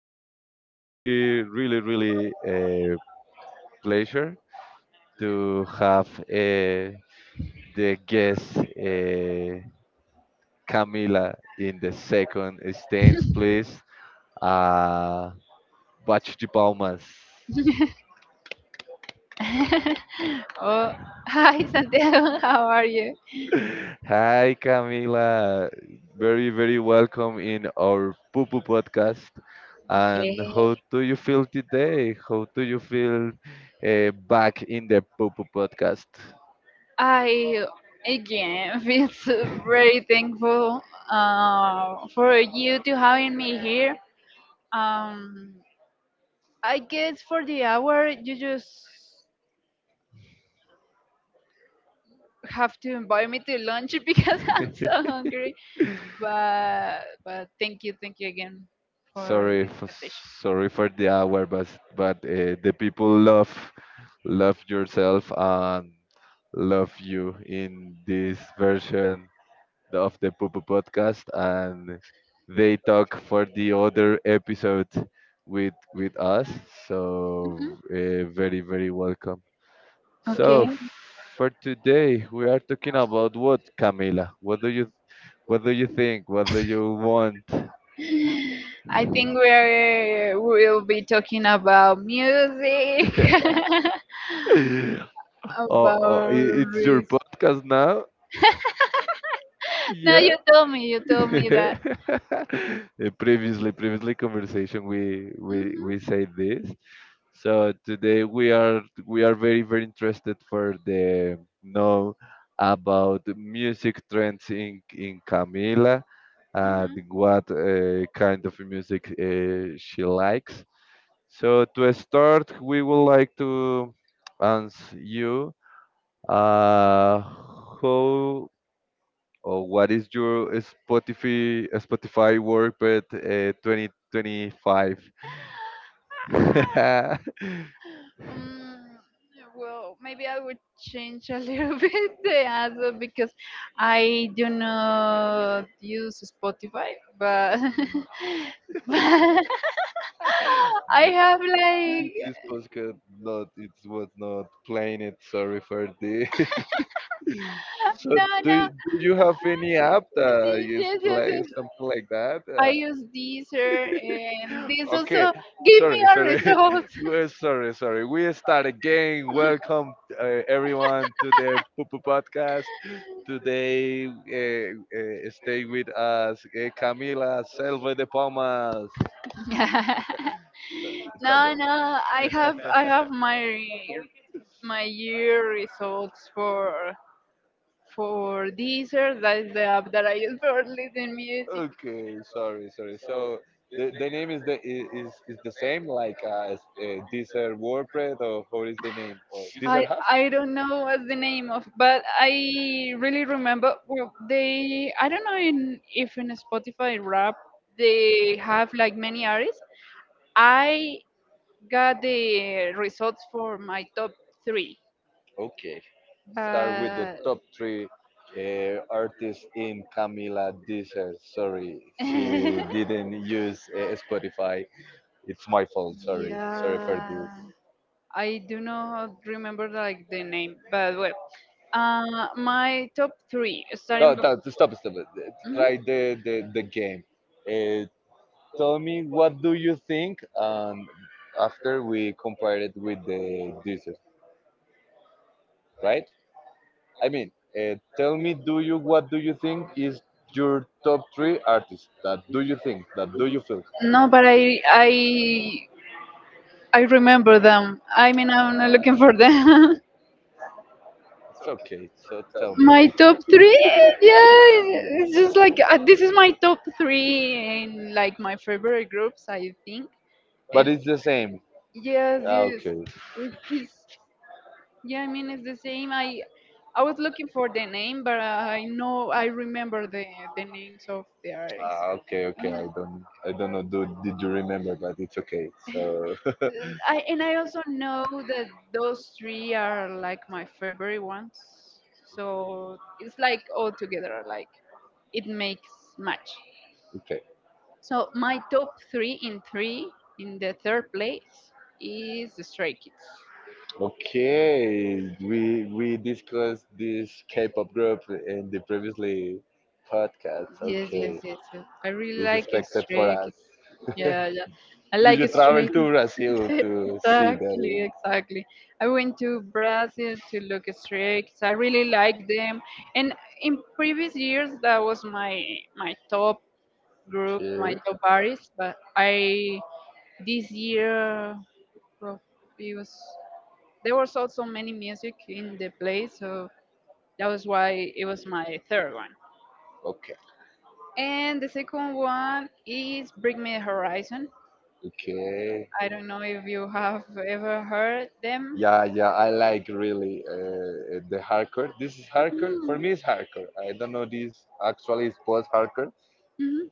a really, really, really pleasure to have the guest Camila in the second stance, please. Uh, Bate de palmas. oh, Hi Santiago, how are you? Hi, Camila. Very, very welcome in our Poo Poo podcast. And how Okay. do you feel today? How do you feel back in the Poo Poo podcast? I again feel so very thankful for you to having me here. Um, I guess for the hour you just have to invite me to lunch because I'm so hungry. But thank you again for sorry, this for, invitation. sorry for the hour, but the people love yourself and love you in this version of the Popo podcast, and they talk for the other episode with us. Mhm. So very very welcome. So Okay. for today we are talking about what Camila. What do you think? What do you want? I think we'll be talking about music, oh, oh, about i- it's your risk. podcast now. No, Yeah. You told me that. Previously conversation, we we hmm we say this. So today we are very very interested for the know about the music trends in Camila and hmm what kind of music she likes. So to start, we would like to ask you uh, how or what is your Spotify work but 2025? Um, well, maybe I would change a little bit the answer because I do not use Spotify, but but I have like. This podcast not it was not playing it. Sorry for the. So No, no. do you have any app that Yes, is yes, yes, yes. like something like that? I use Deezer and this Okay, also give me sorry, a sorry. result. We're sorry, sorry. We start again. Welcome everyone to the Pupu Podcast. Today, stay with us, Camila Selva de Palmas. Sorry, it's a No, no. I have I joke. have my my year results for Deezer. That's the app that I use for listening music. Okay, sorry, sorry. So the name is the same like as, Deezer WordPress or how is the name? Or Deezer I Hub? I don't know what's the name of, but I really remember. Well, they, I don't know in, if in Spotify Rap they have like many artists. I got the results for my top three, Okay, start with the but top three artists in Camila Deezer. Sorry, she didn't use Spotify. It's my fault. Sorry, sorry for this. yeah, I do not remember like the name, but well, my top three No, starting no stop, stop. hmm. Try the game. Uh, tell me what do you think, and after we compare it with the Deezer, right? I mean, tell me, do you what do you think is your top three artists? That do you think? That do you feel? No, but I remember them. I mean, I'm not looking Uh, for them. It's okay. So tell me. My top three, yeah, Yeah, it's just like this is my top three in like my favorite groups, I think. but And it's the same. yes, Ah, yes, okay. it is. Yeah, I mean it's the same. I was looking for the name, but I know I remember the names of the artists. Ah, okay, And okay. I don't know. Did you remember? But it's okay. So and I also know that those three are like my favorite ones. So it's like all together, like it makes match. okay, So my top three in three, in the third place is the Stray Kids. okay. We discussed this K-pop group in the previously podcast. Yes, yes, Okay, yes, yes. I really it's like a expected for Stray us. Kids. Yeah, yeah. I Do like a you travel Stray to Kids. Brazil to see the? Exactly, exactly. I went to Brazil to look at Stray Kids. I really like them. And in previous years, that was my my top group, my Okay, top artist. But I this year, well, it was. There was also many music in the play, so that was why it was my third one. okay, And the second one is Bring Me the Horizon. okay. I don't know if you have ever heard them. Yeah, yeah, I like really the hardcore. This is hardcore. For Mm-hmm. me, it's hardcore. I don't know this actually is post hardcore,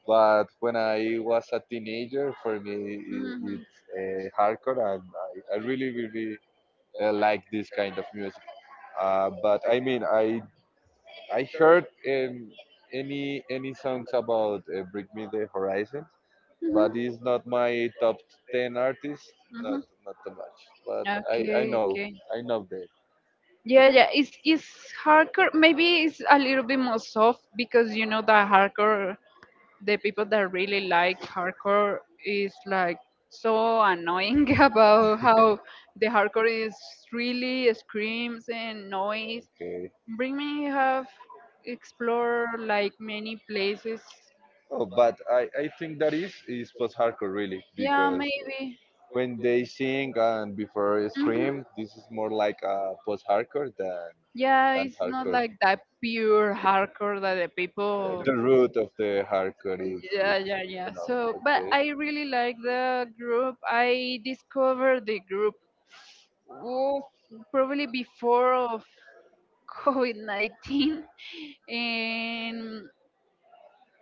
but when I was a teenager, for me, hmm it, hmm it's hardcore, and I really, really like this kind of music. But I mean, I heard any songs about Bring Me the Horizon, but it's not my top 10 artist. Not too much, but I I Okay, know okay. I know that. Yeah, yeah, it's hardcore. Maybe it's a little bit more soft because you know that hardcore, the people that really like hardcore is like so annoying about how the hardcore is really screams and noise. Okay. Bring me have explore like many places. Oh, but I think that is post-hardcore really Yeah, because maybe. when they sing and before they scream, hmm this is more like a post-hardcore than Yeah, it's not hardcore. like that pure Yeah, hardcore that the people. the root of the hardcore is Yeah, it's, yeah, it's yeah. enough. So, but Okay, I really like the group. I discovered the group oh, probably before of COVID-19, and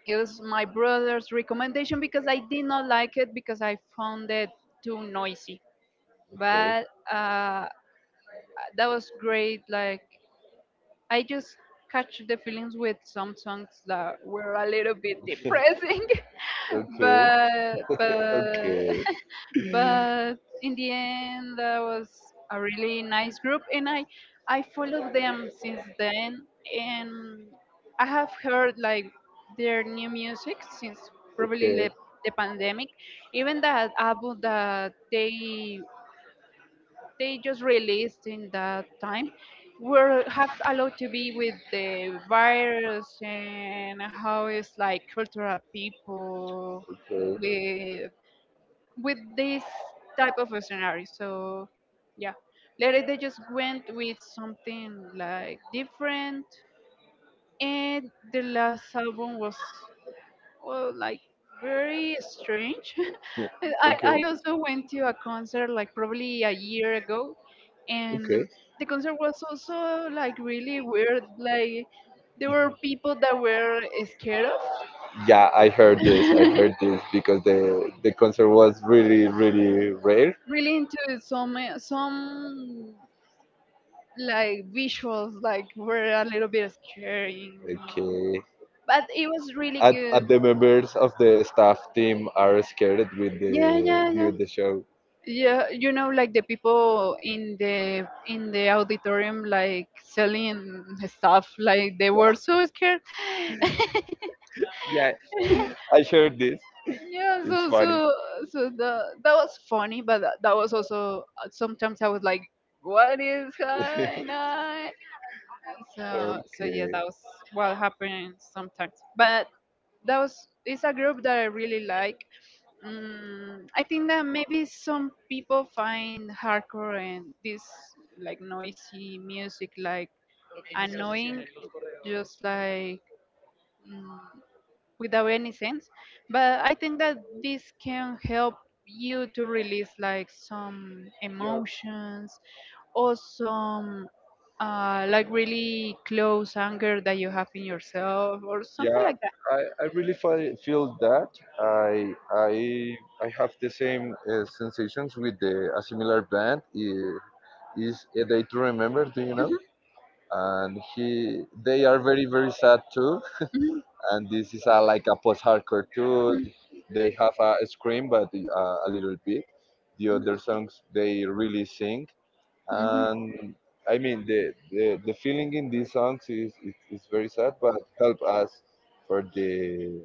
it was my brother's recommendation because I did not like it because I found it too noisy. okay, But that was great. Like I just catch the feelings with some songs that were a little bit depressing okay, okay, but okay, but in the end that was a really nice group, and I followed them since then, and I have heard like their new music since probably okay, the pandemic, even that album that they just released in that time, were have allowed to be with the virus and how it's like cultural people with with this type of a scenario. So yeah. Later they just went with something like different, and the last album was, well, like very strange. I, I okay, I also went to a concert like probably a year ago, and okay. the concert was also like really weird. Like there were people that were scared of, Yeah, I heard this. I heard this because the concert was really really rare. really into some like visuals like were a little bit scary, Okay, but it was really at good. the members of the staff team are scared with Yeah, the yeah, yeah. during the show. Yeah, you know, like the people in the auditorium, like selling stuff, like they were so scared. Yeah, I shared this. Yeah, It's so funny. so so the that was funny, but that was also sometimes I was like, "What is going on?" So so yeah, Okay. that was what happened sometimes. But that was, it's a group that I really like. Mm, I think that maybe some people find hardcore and this like noisy music like annoying, just like. Mm, without any sense. But I think that this can help you to release like some Yeah, emotions or some like really close anger that you have in yourself or something yeah. like that. I really feel that I I I have the same sensations with the a similar band is a day to remember. Do you know? Mhm, And he they are very very sad too. mhm, And this is like a post-hardcore too. They have a scream, but a little bit. The mhm, other songs they really sing, mhm, mhm, and I mean the feeling in these songs is very sad, but help us for the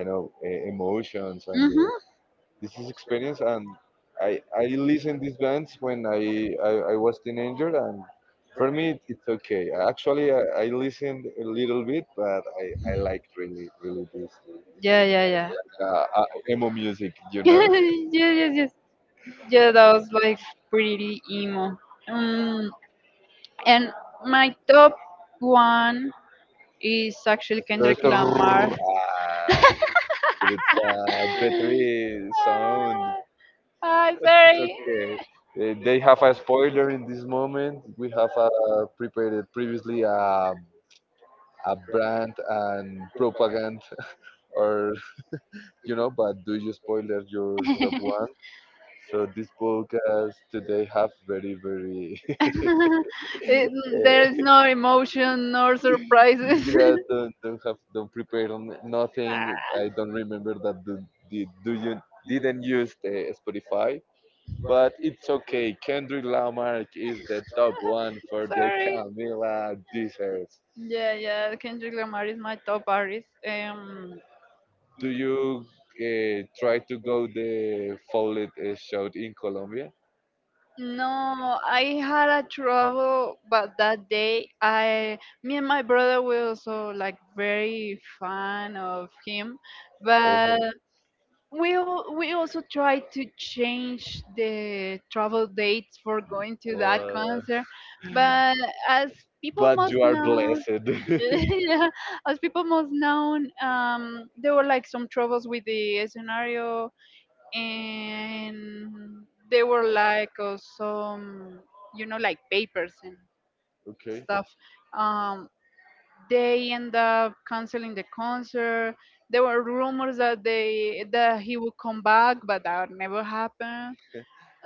I know emotions and mhm. the this is experience and I listen these bands when I was teenager and for me it's okay. Actually I listened a little bit but I like really really this Yeah, yeah, yeah. uh, emo music you know Yes, yes, yes. Yeah, that was like pretty emo. Um, and my top one is actually Kendrick Lamar. Especially it's battery sound Ah, ah, it's sorry. okay. They have a spoiler in this moment. We have prepared previously a brand and propaganda or but do you spoiler your top one? So this podcast today have very very It- there eh, is no emotion nor surprises. yeah don't prepare on nothing. I don't remember that do, did do you didn't use the Spotify, but it's okay. Kendrick Lamar is the top one for the Sorry. Camila desserts. Yeah, yeah. Kendrick Lamar is my top artist. Do you try to go the Follett show in Colombia? No, I had a trouble, but that day me and my brother were also like very fan of him, but we also try to change the travel dates for going to that Oh, concert, but as people but must you are know blessed. yeah, as people must know, there were like some troubles with the scenario, and there were like some, you know, like papers and Okay. stuff. um they end up canceling the concert. There were rumors that they, that he would come back, but that never happened.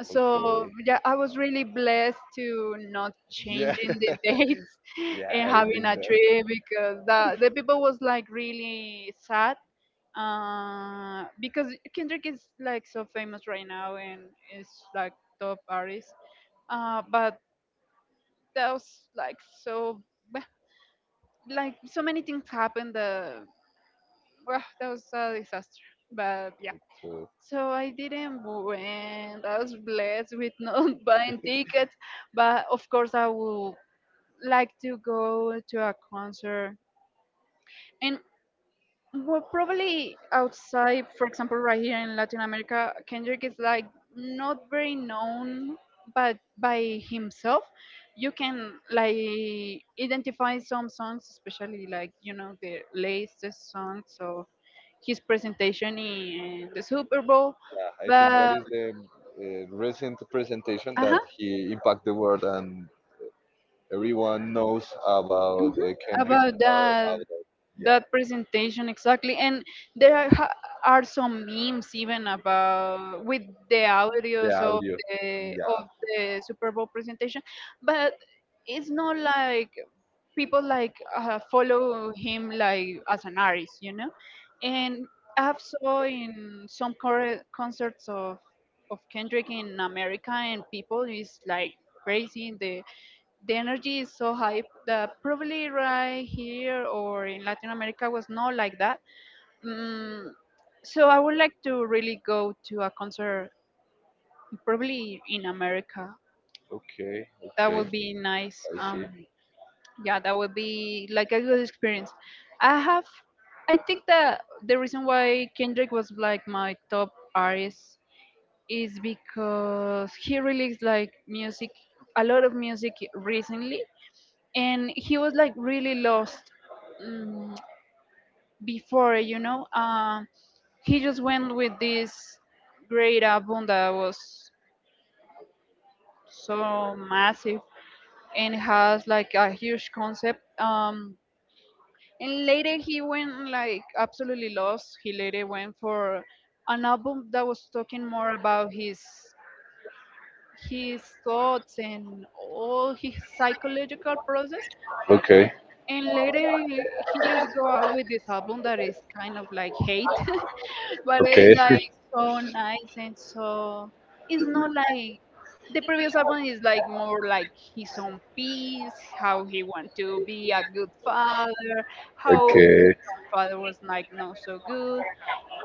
So Okay. yeah, I was really blessed to not Yeah. changing the dates Yeah, and I having think a that. trip because the people was like really sad because Kendrick is like so famous right now and is like top artist. But that was like so, like so many things happened that, well, that was a disaster. But yeah. Okay. So I didn't win. I was blessed with not buying tickets. But of course I would like to go to a concert. And well, probably outside, for example, right here in Latin America, Kendrick is like not very known, but by himself, you can like identify some songs, especially like, you know, the latest songs of his presentation in the Super Bowl. Yeah, I think that But is the recent presentation uh huh, that he impact the world and everyone knows about hmm, Kendrick. about Uh, that, about, yeah, that presentation exactly, and there are some memes even about with the the audios of audio. the, of Yeah. the Super Bowl presentation, but it's not like people like follow him like as an artist, you know. And I've saw in some concerts of Kendrick in America, and people is like crazy. In the energy is so high. The probably right here or in Latin America was not like that. Mm, so I would like to really go to a concert, probably in America. Okay. That Okay. would be nice. I see. Yeah, that would be like a good experience. I have, I think that the reason why Kendrick was like my top artist is because he released like music, a lot of music recently, and he was like really lost, um, before, you know, he just went with this great album that was so massive and has like a huge concept, and later he went like absolutely lost. He later went for an album that was talking more about his thoughts and all his psychological process, Okay. and later he just go out with this album that is kind of like hate but Okay. it's like so nice and so, it's not like, the previous album is like more like his own peace, how he want to be a good father, how his Okay. own father was like not so good,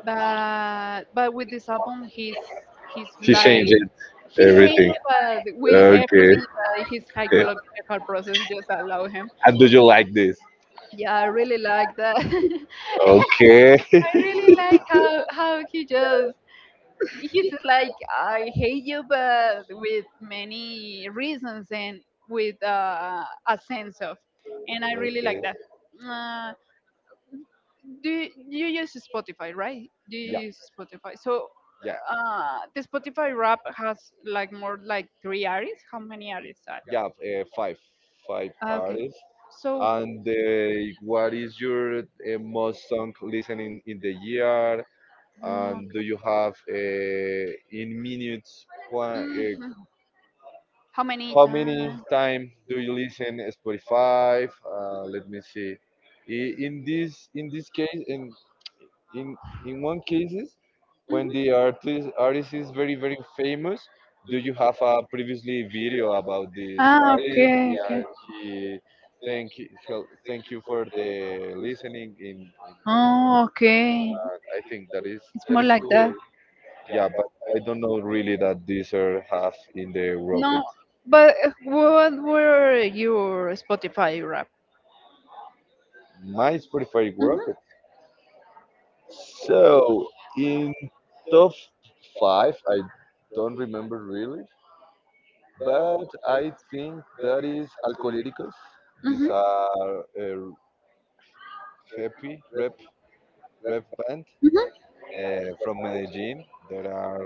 but with this album he's He like, changed he's hated, everything. but with Okay. everything that his Okay. psychological process just allow him. And do you like this? Yeah, I really like that. Okay. I really like how he just, he's just like, I hate you, but with many reasons and with a sense of, and I really Okay. like that. Uh, do you use Spotify, right? Do you Yeah. use Spotify? So Yeah. The Spotify rap has like more like three artists. How many artists are? Yeah, five Ah, okay, artists. so. And what is your most song listening in the year? Oh, And do you have in minutes? Okay. How many How many times? time do you listen Spotify? Let me see. In this case, in in one cases when Mhm. the artist is very very famous do you have a previously video about this Ah, artist okay, yeah okay. he he thank you for the listening in Oh, okay. I think that is It's that more is like cool that. yeah but I don't know really that Deezer have in the No, rocket but what were your Spotify rap? my Spotify rocket so in top five I don't remember really but I think that is Alcoholicos. These Mhm. are a happy rap band Mhm. From Medellin that are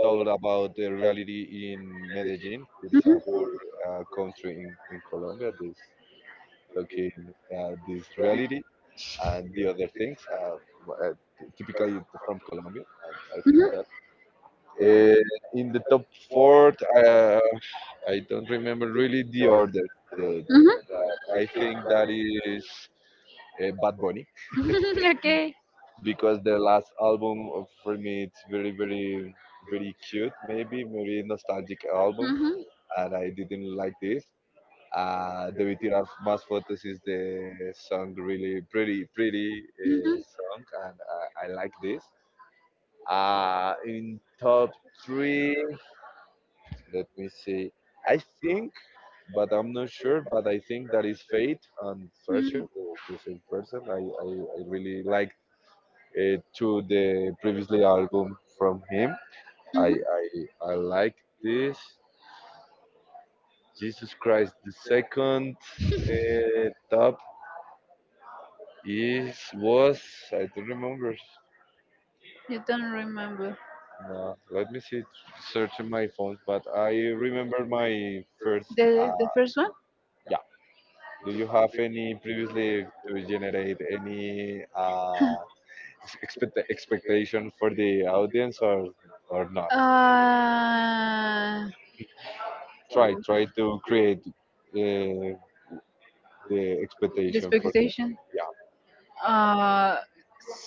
told about the reality in Medellin. There is a Mhm. poor country in Colombia. This talking this reality and the other things. Uh, typically from Colombia. I think Mhm. that. Uh, in the top four, uh, I don't remember really the order. The, Mhm. I think that is Bad Bunny Okay. because the last album for me it's very very very cute maybe very nostalgic album Mhm. and I didn't like this. The Tiras Más Fotos is the song really pretty pretty Mhm. song and I like this. In top three, let me see. I think, but I'm not sure. But I think that is Fate and Fercher, Mhm. the same person. I really like to the previously album from him. I Mhm. I, I like this. Jesus Christ, the second uh, top is was I don't remember. You don't remember No, let me see search in my phone, but I remember my first. The Uh, first one? yeah. Do you have any previously to generate any expectation for the audience or not? Uh, Try to create uh, the the expectation for the expectation. yeah. Uh,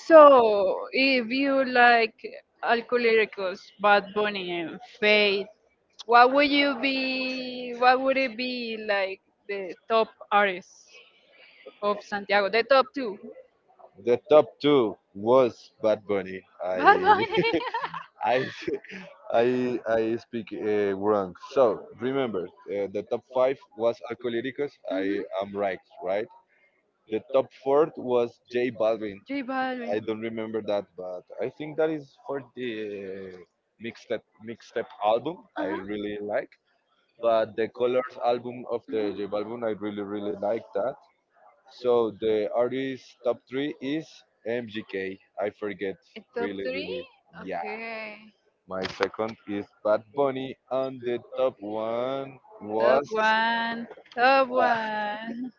so if you like Alcohólicos, Bad Bunny, and Faith, what would you be? What would it be like the top artists of Santiago? The top two. The top two was Bad Bunny. I Bad Bunny. I I speak wrong. So remember, the top five was Alcoholicos. I I am right, right. The top fourth was J Balvin. J I I don't remember that, but I think that is for the mixtape mixtape album. I Uh-huh. really like. But the Colors album of the J Balvin, I really really like that. So the artist top three is MGK. I forget. A top Really, three? really. Yeah. Okay. My second is Bad Bunny, and the top one One. Top was was one. Top ah, one.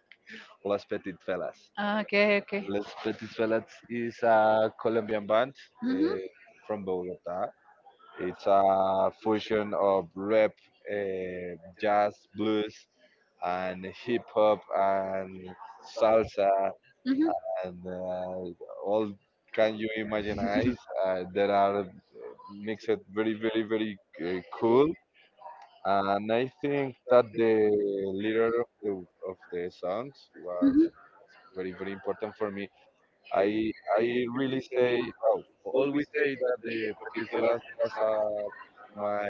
Las Petit Fellas. Ah, okay, okay. Las Petit Fellas is a Colombian band Mhm, eh, from Bogota. It's a fusion of rap, eh, jazz, blues, and hip hop and salsa mhm, and all can you imagine eyes that are mixed very very very cool and I think that the leader of the songs was mhm. very very important for me. I i really say, oh, always say that the peticelas was my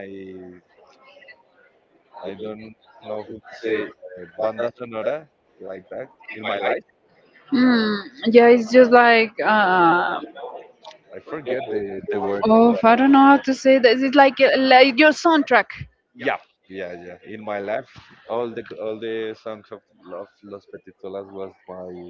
I don't know who to say banda sonora like that in my life. Mm, yeah, it's just like I forget the word. oh, I don't know how to say this. It's like your soundtrack. Yeah, yeah, yeah. In my life, all the songs of Los Petitolas was my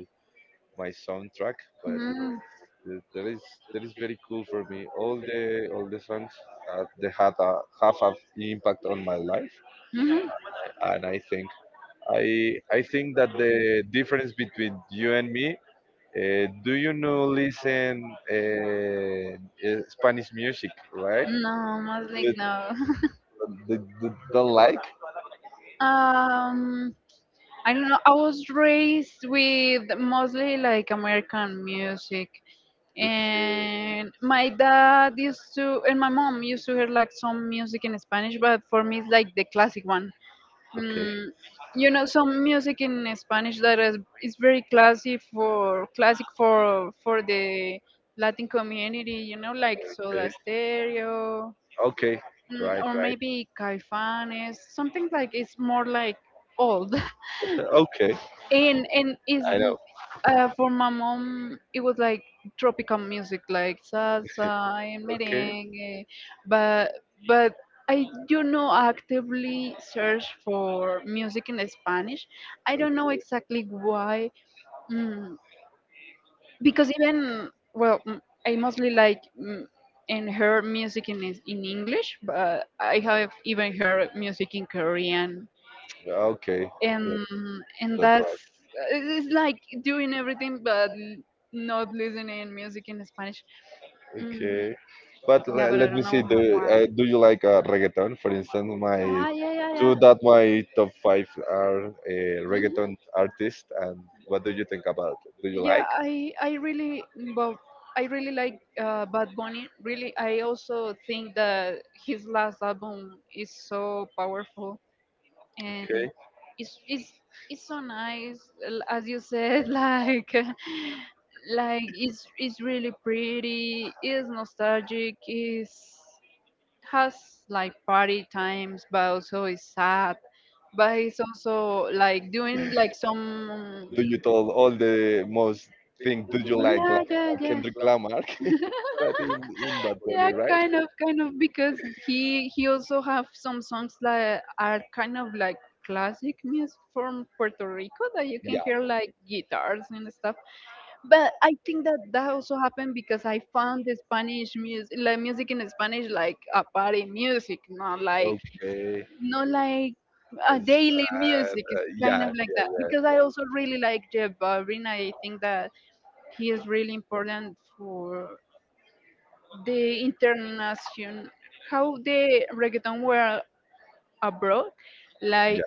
my soundtrack, but Mm, th- that is that is very cool for me. All the songs they had a have an impact on my life, mhm. and I think I think that the difference between you and me. Do you know listen uh, Spanish music, right? No, Muslim, The, no. the like? um, I don't know. I was raised with mostly like American music, Okay, and my dad used to and my mom used to hear like some music in Spanish, but for me it's like the classic one. okay. Mm, you know some music in Spanish that is very classic for classic for the Latin community. You know, like Okay. Soda Stereo, Okay. Right. or Right. maybe Caifanes. Something like it's more like old. Okay. And is I know. For my mom it was like tropical music like salsa and Okay. merengue but but I do not actively search for music in Spanish. I don't know Okay. exactly why. Mm, because I mostly like and heard music in in English, but I have even heard music in Korean Okay. That, and and that's That's right. it's like doing everything but not listening music in Spanish. Mm, Okay. But yeah, let, but let I me don't see. know Do how, uh, why. do you like reggaeton? For instance, my Ah, yeah, yeah, two yeah. that my top five are reggaeton hmm artists. And what do you think about it? Do you Yeah, like? I really but I really like Bad Bunny. Really, I also think that his last album is so powerful. And Okay. it's it's it's so nice, as you said, like it's really pretty, it's nostalgic, it's has like party times but also it's sad, but it's also like doing like some Do you told all the most thing? Do you like yeah yeah yeah Kendrick Lamar? But in Bad Bunny, Yeah, right? Kind of, because he also have some songs that are kind of like classic music from Puerto Rico that you Yeah. can hear like guitars and stuff. But I think that that also happened because I found the Spanish music, like music in Spanish, like a party music, not like Okay. not like a daily Sad. music. It's Yeah, kind of like that yeah, because I also really like Jeff Balvin. I think that he is really important for the international how the reggaeton were abroad, yeah, like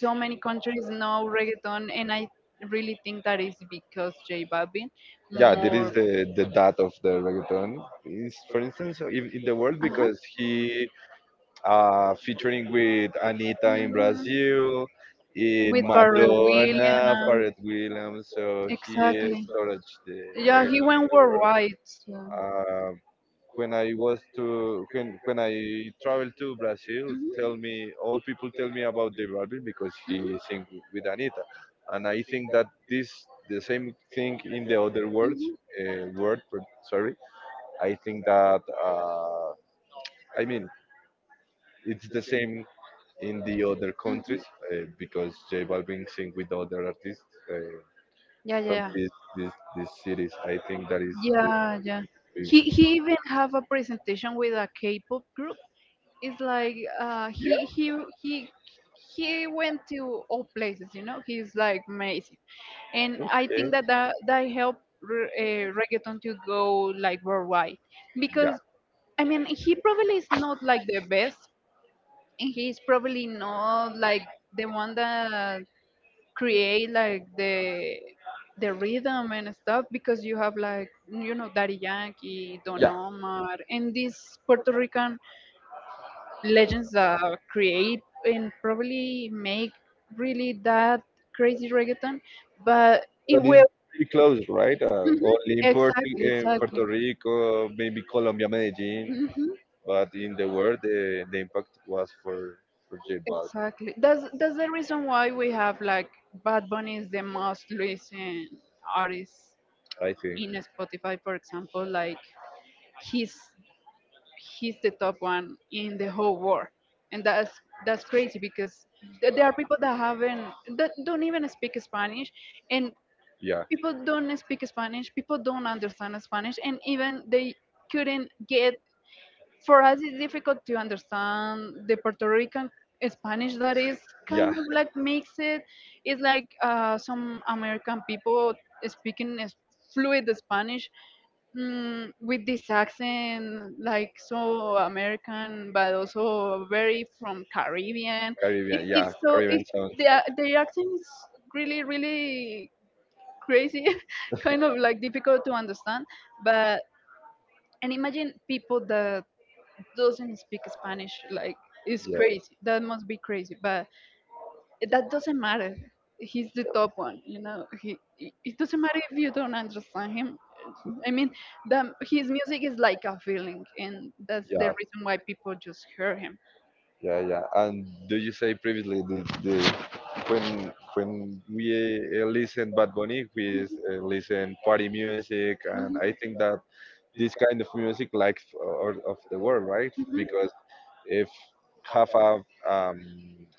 so many countries know reggaeton, and I really think that is because j balvin yeah, there is more the dad of the reggaeton. Is for instance so in the world Uh-huh. because he featuring with Anita in Mhm. Brazil, in With Pharrell Williams, Madonna, Pharrell Williams. So he is exactly. storage the Yeah, he reggaeton in went the world. worldwide. So. Um, when I was to when I traveled to Brazil, Mhm, tell me all people tell me about J mhm, Balvin because he sing with Anita, and I think that this the same thing in the other words word per- sorry. I think that I mean it's the same in the other mhm. countries Mhm. Because J Balvin sing with other artists uh, Yeah, from yeah, this this series. I think that is. yeah, yeah. Is He even have a presentation with a K-pop group. It's like yeah. He he went to all places, you know. He's like amazing, and I Okay. think that that helped reggaeton to go like worldwide. Yeah, Because I mean he probably is not like the best, and he's probably not like the one that create like the rhythm and stuff, because you have like you know Daddy Yankee, Don yeah. Omar, and this Puerto Rican legends that create and probably make really that crazy reggaeton, but it But it's will. pretty close, right? Mhm, Only exactly, in Puerto exactly. Rico, maybe Colombia, Medellin. hmm But in the world, the impact was for J Balvin, exactly. That's the reason why we have like Bad Bunny is the most listened artist I think. in Spotify, for example. Like he's he's the top one in the whole world, and that's crazy because there are people that haven't that don't even speak Spanish, and Yeah, people don't speak spanish, people don't understand spanish, and even they couldn't get, for us it's difficult to understand the puerto rican spanish that is yeah, kind of like makes it. It's like some american people speaking is fluid spanish, with this accent, like so american but also very from caribbean. Yeah, It's so Caribbean it's sound. the, the accent is really really crazy, kind of like difficult to understand. But and imagine people that doesn't speak Spanish, like it's Yeah, crazy. That must be crazy. But that doesn't matter. He's the top one, you know. He it it doesn't matter if you don't understand him. I mean, his music is like a feeling, and that's yeah, the reason why people just hear him. yeah, yeah. And do you say previously the when we listen Bad Bunny, we listen party music, and I think that this kind of music like or of the world, right? Mhm. Mhm. Because if have a um,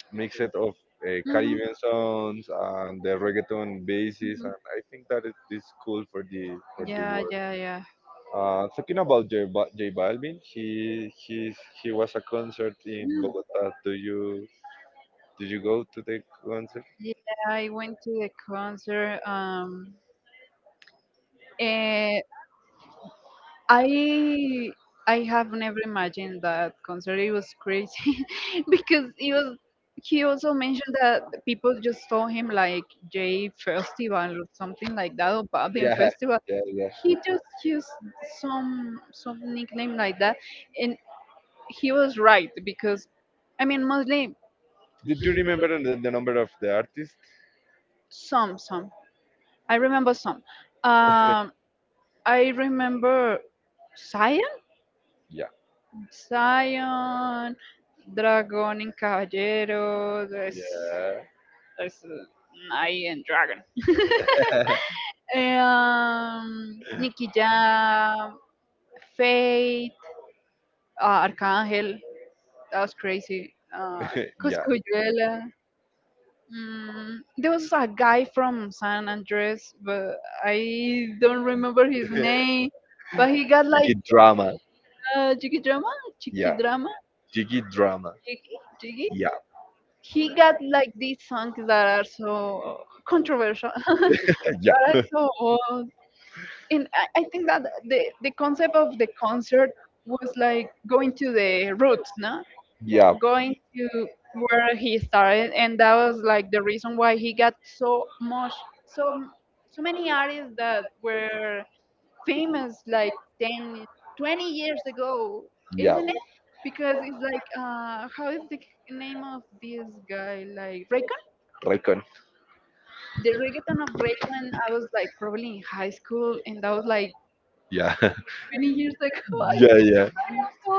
mix it of Mhm. Mhm. Caribbean songs and the reggaeton bases, and Mhm. I think that it is cool for the Yeah, world. yeah, yeah. Talking about J Balvin, he was a concert in Yeah. Bogota. Do you Did you go to the concert? Yeah, I went to the concert. I I have never imagined that concert. It was crazy because he was, he also mentioned that people just saw him like J Festival or something like that, or Yeah, Babin Festival. yeah, yeah. He just used some nickname like that, and he was right because I mean mostly Did you remember the number of the artist? Some. I remember some. Um, I remember Saya, Yeah, Zion, Dragón en Caballero, there's, yeah, there's a Knight and Dragon. Nicky Jam, Fate, Arcángel, that was crazy. Yeah. Coscuyuela. There was a guy from San Andres, but I don't remember his name. But he got like Big drama. Jiggy Drama, Yeah. Chicky Drama, Jiggy drama. Jiggy, Jiggy. Yeah, He got like these songs that are so controversial, that yeah, are so old. And I think that the concept of the concert was like going to the roots, no? yeah, Going to where he started. And that was like the reason why he got so much, so, m- so many artists that were famous like 10, 20 years ago, yeah. isn't it? Because it's like, how is the name of this guy? Like Ray. Recon. The reggaeton of Raycon, I was like probably in high school, and that was like Yeah, 20 years ago. I yeah, was yeah, so.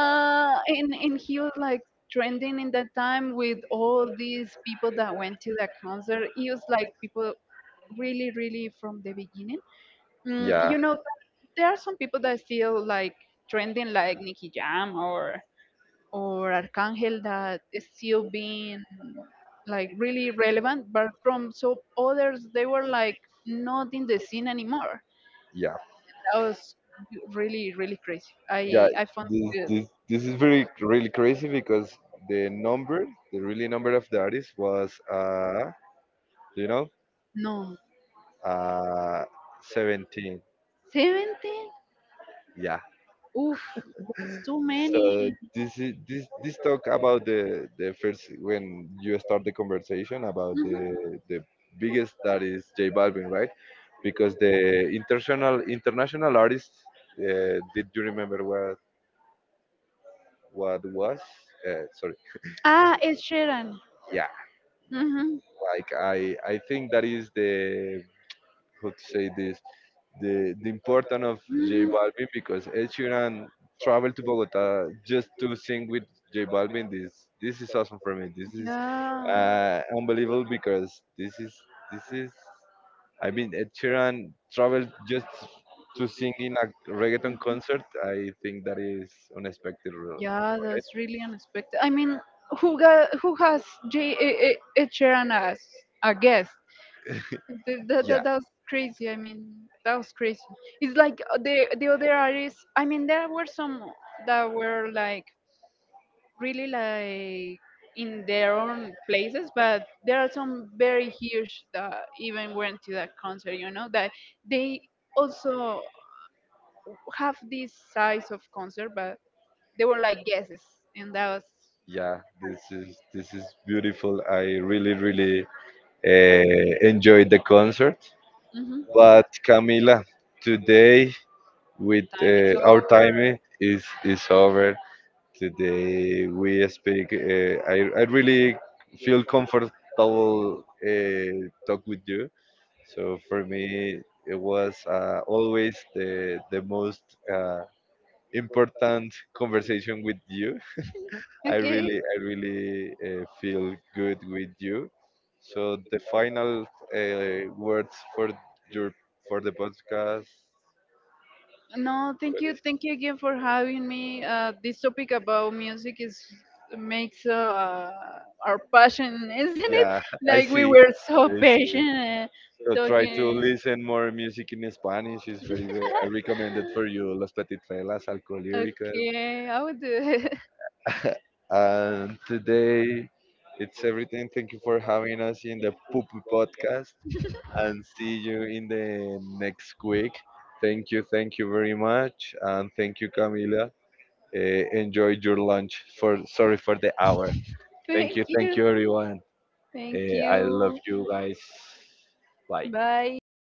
And he was like trending in that time with all these people that went to that concert. He was like people really, really from the beginning. Yeah, You know, there are some people that still like trending, like Nicky Jam or Arcángel that is still being like really relevant, but from so others they were like not in the scene anymore. yeah, That was really really crazy. yeah. I found This, it good. this, this is very really crazy because the number, the really number of the artist was do you know, No, uh, 17. 17. Yeah. Oof, that's too many. So this is this talk about the first when you start the conversation about hmm the biggest that is J Balvin, right? Because the international international artist, did you remember what was? Sorry, Ah, Ed Sheeran. yeah. hmm Like I think that is the how to say this the importance of J hmm Balvin because Ed Sheeran traveled to Bogota just to sing with J Balvin. This is awesome for me. This is Yeah. uh, unbelievable because this is this is I mean Ed Sheeran traveled just to sing in a reggaeton Mhm. concert. I think that is unexpected, really. Yeah, that's really unexpected. I mean, who has Ed Sheeran as a guest? Yeah, That was crazy. I mean, that was crazy. It's like the other artists. I mean, there were some that were like really like in their own places, but there are some very huge that even went to that concert, you know, that they also have this size of concert, but they were like guesses, and that was yeah. Nice. This is beautiful. I really really enjoyed the concert. hmm But Camila, today with Time is our time over. is over. Today we speak I really feel comfortable talk with you, so for me it was always the most uh, important conversation with you. I really Okay. I really feel good with you, so the final words for your for the podcast, No, what is? Thank you again for having me. This topic about music is makes our passion, isn't it? Yeah, I Like we see. were so I see. passionate So try to talking. listen more music in Spanish. It's very, very I recommend it for you. Las Petitraelas, Alcolíricas. Okay, I will do it. And today it's everything. Thank you for having us in the Poopy Podcast and see you in the next week. Thank you very much. And thank you, Camila. Enjoy your lunch. For Sorry for the hour. Thank Thank you, you, everyone. Thank I love you. you guys. Bye. Bye.